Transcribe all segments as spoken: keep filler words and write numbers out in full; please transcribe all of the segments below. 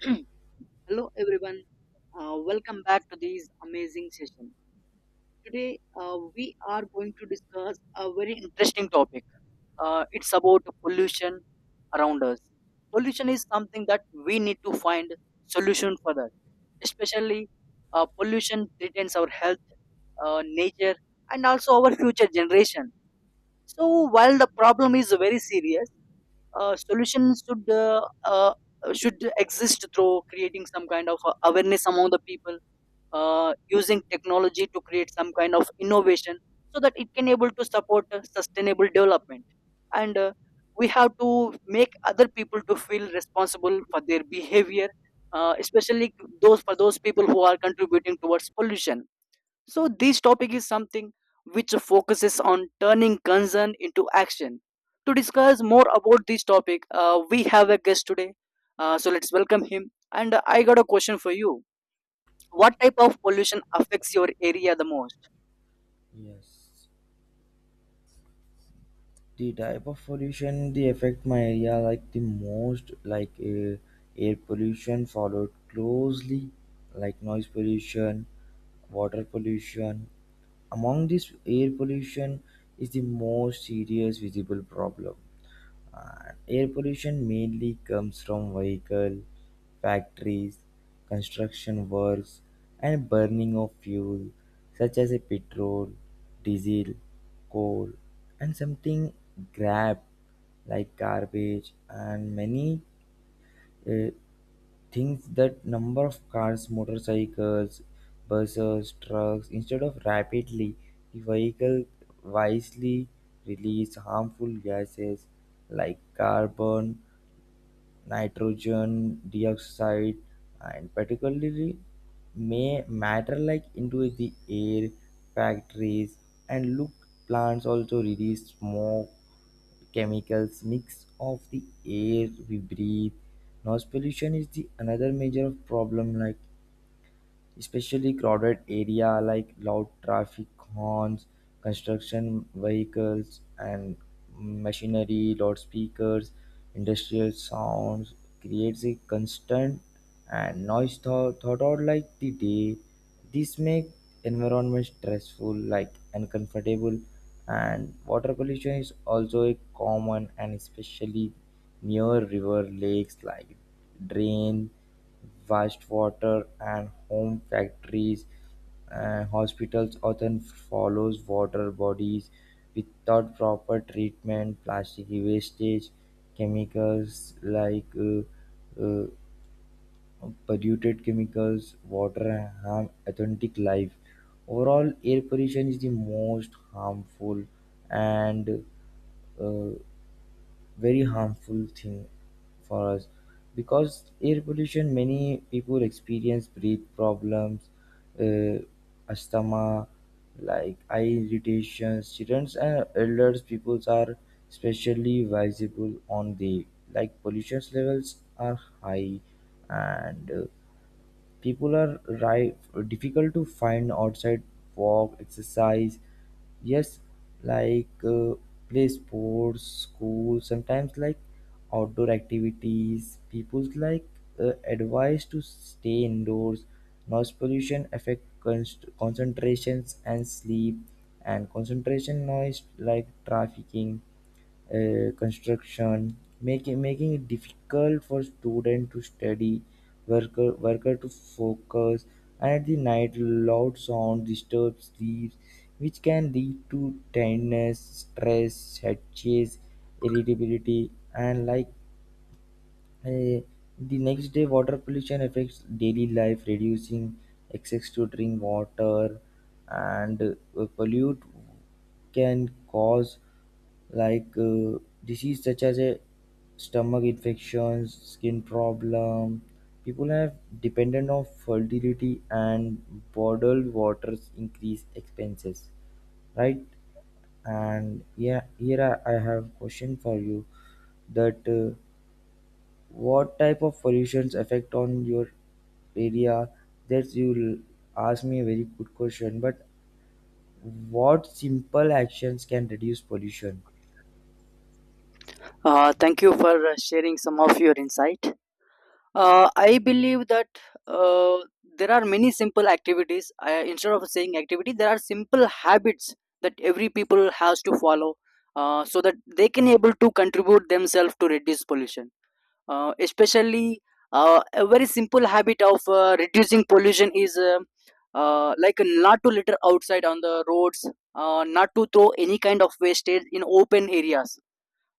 Hello everyone, uh, welcome back to this amazing session. Today, uh, we are going to discuss a very interesting topic. Uh, it's about pollution around us. Pollution is something that we need to find solution for that. Especially, uh, pollution threatens our health, uh, nature, and also our future generation. So, while the problem is very serious, uh, solutions should uh, uh, should exist through creating some kind of uh, awareness among the people, uh, using technology to create some kind of innovation so that it can able to support uh, sustainable development, and uh, we have to make other people to feel responsible for their behavior, uh, especially those for those people who are contributing towards pollution. So this topic is something which focuses on turning concern into action. To discuss more about this topic, uh, we have a guest today. Uh, so let's welcome him, and uh, I got a question for you. What type of pollution affects your area the most? Yes. The type of pollution they affect my area like the most like uh, air pollution followed closely like noise pollution, water pollution. Among this air pollution is the most serious visible problem. Uh, air pollution mainly comes from vehicle, factories, construction works, and burning of fuel such as a petrol, diesel, coal, and something grab like garbage and many uh, things that number of cars, motorcycles, buses, trucks, instead of rapidly, the vehicle wisely release harmful gases like carbon, nitrogen dioxide, and particularly may matter like into the air, factories, and look plants also release smoke chemicals mix of the air we breathe noise pollution is the another major problem like especially crowded area like loud traffic horns, construction vehicles and machinery, loudspeakers, industrial sounds creates a constant and noise thought, thought out like the day. This make environment stressful, like uncomfortable, and water pollution is also a common and especially near river lakes like drain wastewater and home factories and hospitals often follows water bodies without proper treatment. Plastic wastage, chemicals like uh, uh, polluted chemicals, water harm authentic life. Overall, air pollution is the most harmful and uh, very harmful thing for us because air pollution many people experience breath problems uh, asthma like eye irritations childrens and elders peoples are especially visible on the like pollution levels are high and uh, People are ri difficult to find outside walk, exercise, yes, like uh, play sports, school, sometimes like outdoor activities. People's like uh, advised to stay indoors. Noise pollution affect const- concentrations and sleep, and concentration noise like trafficking uh, construction, making making it difficult for student to study, worker worker to focus, and at the night loud sound disturbs sleep, which can lead to tiredness, stress, headaches, irritability, and like uh, the next day, water pollution affects daily life, reducing access to drink water, and uh, pollute can cause like uh, disease such as a stomach infections, skin problem. People have dependent on fertility and bottled waters increase expenses, right? And yeah, here I, I have question for you that uh, what type of pollutions affect on your area? That you ask me a very good question, but what simple actions can reduce pollution? Uh, thank you for uh, sharing some of your insight. uh, I believe that, uh, there are many simple activities uh, instead of saying activity, there are simple habits that every people has to follow, uh, so that they can able to contribute themselves to reduce pollution. Uh, especially, uh, a very simple habit of uh, reducing pollution is, uh, uh, like, not to litter outside on the roads, uh, not to throw any kind of wastage in open areas.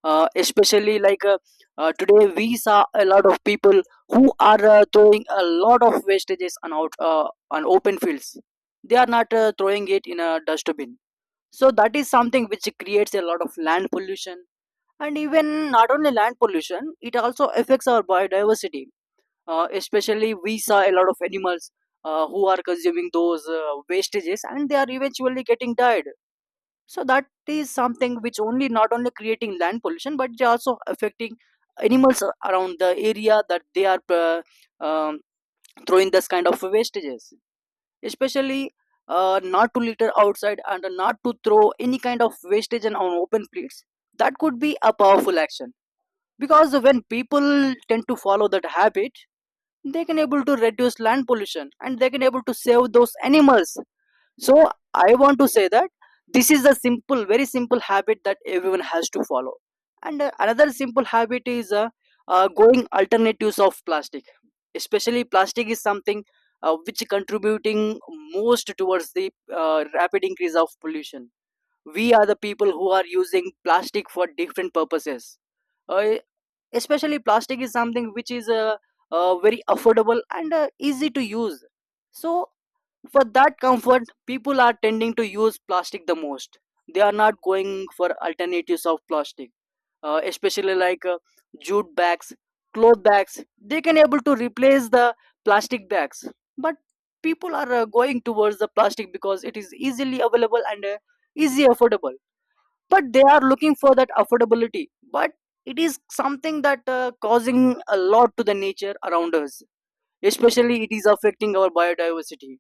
Uh, especially like uh, uh, Today we saw a lot of people who are uh, throwing a lot of wastages on out uh, on open fields. They are not uh, throwing it in a dustbin. So that is something which creates a lot of land pollution, and even not only land pollution, it also affects our biodiversity. Uh, especially, we saw a lot of animals uh, who are consuming those uh, wastages and they are eventually getting died. So, that is something which only not only creating land pollution but it also affecting animals around the area that they are uh, um, throwing this kind of wastages. Especially, uh, not to litter outside and not to throw any kind of wastage on open plates. That could be a powerful action, because when people tend to follow that habit, they can able to reduce land pollution and they can able to save those animals. So I want to say that this is a simple very simple habit that everyone has to follow. And uh, another simple habit is, uh, uh, going alternatives of plastic. Especially plastic is something uh, which contributing most towards the uh, rapid increase of pollution. We are the people who are using plastic for different purposes. Uh, Especially plastic is something which is uh, uh, very affordable and uh, easy to use. So for that comfort, people are tending to use plastic the most. They are not going for alternatives of plastic. Uh, especially like uh, Jute bags, cloth bags, they can able to replace the plastic bags. But people are uh, going towards the plastic because it is easily available, and uh, easy affordable. But they are looking for that affordability, but it is something that uh, causing a lot to the nature around us. Especially it is affecting our biodiversity.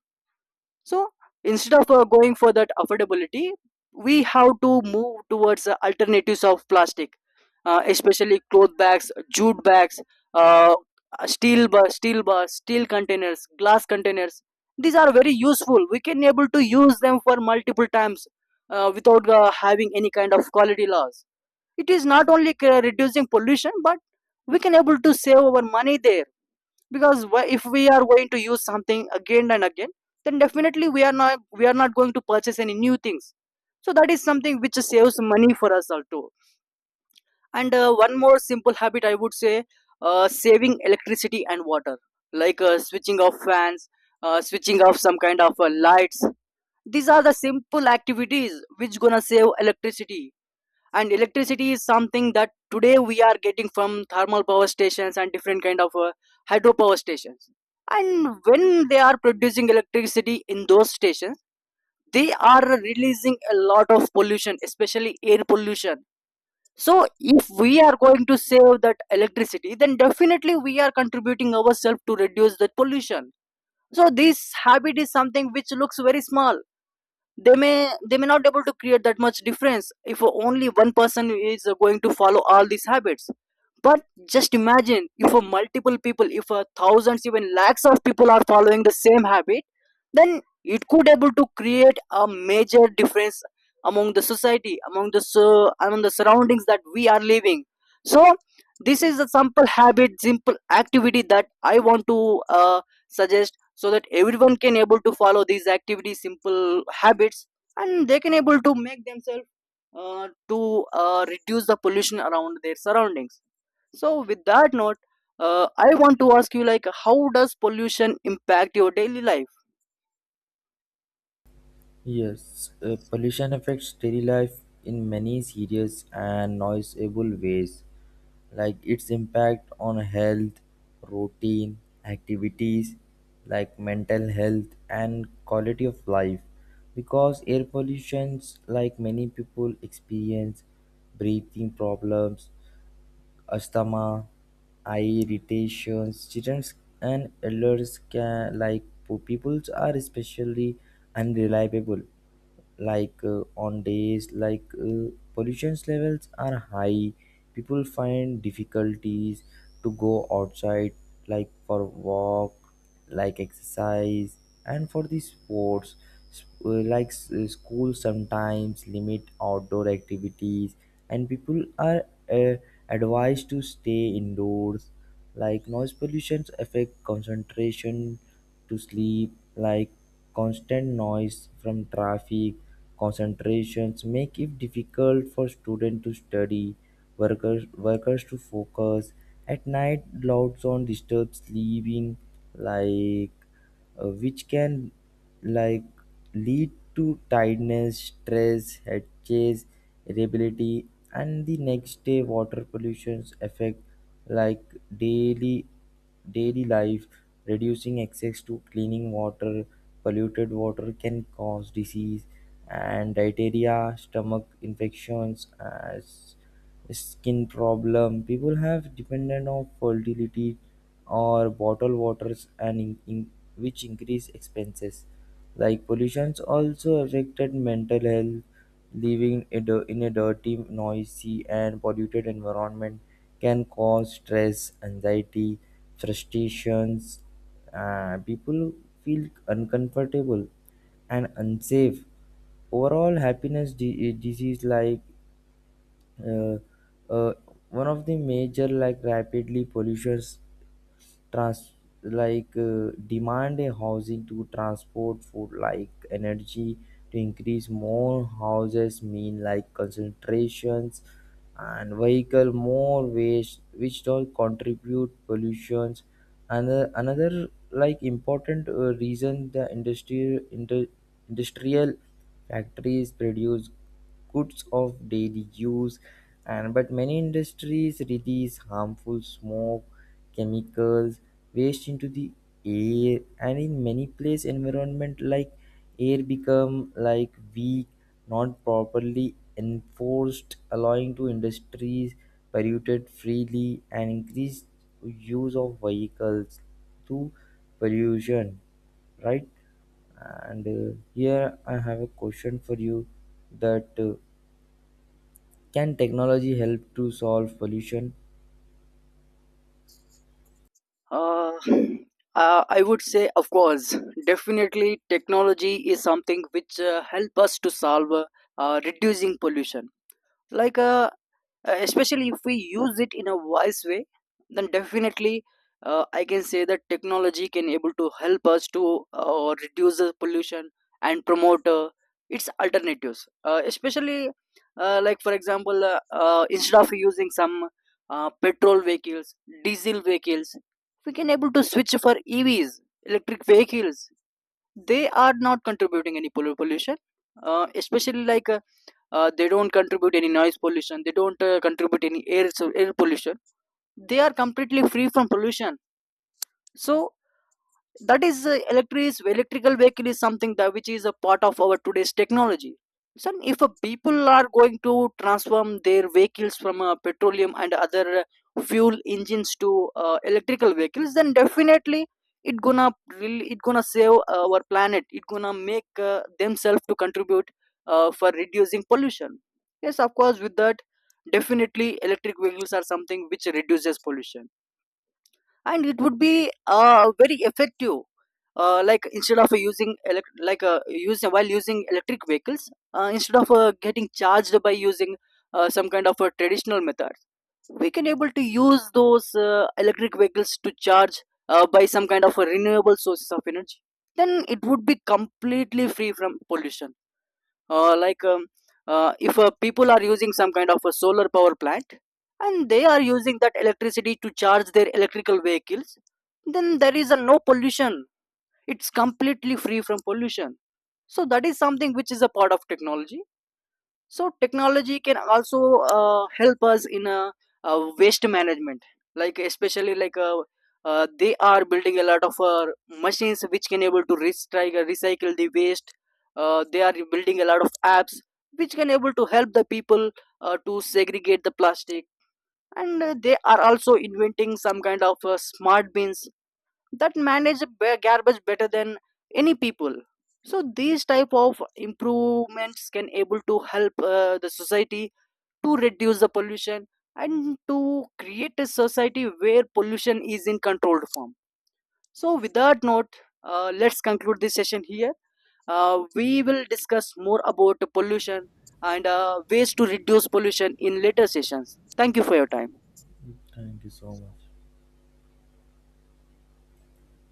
So, instead of uh, going for that affordability, we have to move towards uh, alternatives of plastic. Uh, especially cloth bags, jute bags, uh, steel ba- steel ba- steel containers, glass containers. These are very useful. We can able to use them for multiple times, uh, without uh, having any kind of quality loss. It is not only uh, reducing pollution, but we can able to save our money there. Because wha- if we are going to use something again and again, then definitely we are not we are not going to purchase any new things. So that is something which saves money for us all too. And uh, one more simple habit I would say, uh, saving electricity and water. Like uh, switching off fans, uh, switching off some kind of uh, lights. These are the simple activities which gonna save electricity. And electricity is something that today we are getting from thermal power stations and different kind of uh, hydropower stations. And when they are producing electricity in those stations, they are releasing a lot of pollution, especially air pollution. So if we are going to save that electricity, then definitely we are contributing ourselves to reduce that pollution. So this habit is something which looks very small. They may they may not be able to create that much difference if only one person is going to follow all these habits. But just imagine, if a multiple people, if a thousands even lakhs of people are following the same habit, then it could able to create a major difference among the society, among the so among the surroundings that we are living. So this is a simple habit, simple activity that I want to uh, suggest, so that everyone can able to follow these activity simple habits, and they can able to make themselves uh, to uh, reduce the pollution around their surroundings. So with that note, uh, I want to ask you, like, how does pollution impact your daily life? Yes, uh, pollution affects daily life in many serious and noticeable ways, like its impact on health, routine, activities, like mental health and quality of life. Because air pollutions, like many people experience breathing problems, asthma, eye irritations. Children and elders can like po- peoples are especially unreliable like uh, on days like uh, pollution levels are high people find difficulties to go outside like for walk like exercise and for the sports S- uh, like s- uh, school sometimes limit outdoor activities and people are uh, advised to stay indoors like noise pollution affect concentration to sleep like constant noise from traffic concentrations make it difficult for students to study workers workers to focus at night loud sound disturbs sleeping like uh, which can like lead to tiredness, stress, head chase, irritability, and the next day water pollutions affect like daily daily life. Reducing access to cleaning water, polluted water can cause disease and diarrhea, stomach infections, as skin problem. People have dependent on fertility or bottled waters and in, in- which increase expenses. Like pollutions also affected mental health. Living in a in a dirty, noisy, and polluted environment can cause stress, anxiety, frustrations. Uh, people feel uncomfortable and unsafe overall happiness di- eh, disease like uh, uh, one of the major like rapidly pollutions trans like uh, demand a housing to transport food like energy to increase more houses mean like concentrations and vehicle more waste which all contribute pollutions and uh, another like important uh, reason the industrial indu- industrial factories produce goods of daily use and but many industries release harmful smoke chemicals waste into the air and in many place environment like air become like weak not properly enforced allowing to industries polluted freely and increased use of vehicles to pollution right and uh, here I have a question for you that uh, can technology help to solve pollution? uh, uh, I would say, of course, definitely technology is something which uh, help us to solve, uh, uh, reducing pollution. Like uh, uh, especially if we use it in a wise way, then definitely uh, I can say that technology can able to help us to uh, reduce the pollution and promote uh, its alternatives. Uh, especially uh, Like for example, uh, uh, instead of using some uh, petrol vehicles, diesel vehicles, we can able to switch for E Vs, electric vehicles. They are not contributing any pollu- pollution. Uh, especially like uh, uh, They don't contribute any noise pollution, they don't uh, contribute any air, so air pollution. They are completely free from pollution. So that is, uh, electric electrical vehicle is something that which is a part of our today's technology. So if uh, people are going to transform their vehicles from uh, petroleum and other uh, fuel engines to uh, electrical vehicles, then definitely it gonna, really, it gonna save our planet, it gonna make uh, themselves to contribute uh, for reducing pollution. Yes, of course, with that, definitely electric vehicles are something which reduces pollution, and it would be uh, very effective. Uh, like instead of using elect- like uh, using while using electric vehicles, uh, instead of uh, getting charged by using uh, some kind of a traditional methods, we can able to use those uh, electric vehicles to charge uh, by some kind of a renewable sources of energy. Then it would be completely free from pollution. uh, like um, uh, if uh, people are using some kind of a solar power plant, and they are using that electricity to charge their electrical vehicles, then there is a no pollution. It's completely free from pollution. So that is something which is a part of technology. So technology can also uh, help us in, uh, uh, waste management. Like especially like uh, uh, they are building a lot of uh, machines which can able to recycle recycle the waste. Uh, they are building a lot of apps which can able to help the people uh, to segregate the plastic, and uh, they are also inventing some kind of uh, smart bins that manage ba- garbage better than any people. So these type of improvements can able to help uh, the society to reduce the pollution, and to create a society where pollution is in controlled form. So with that note, uh, let's conclude this session here. Uh, we will discuss more about pollution, and uh, ways to reduce pollution in later sessions. Thank you for your time. Thank you so much.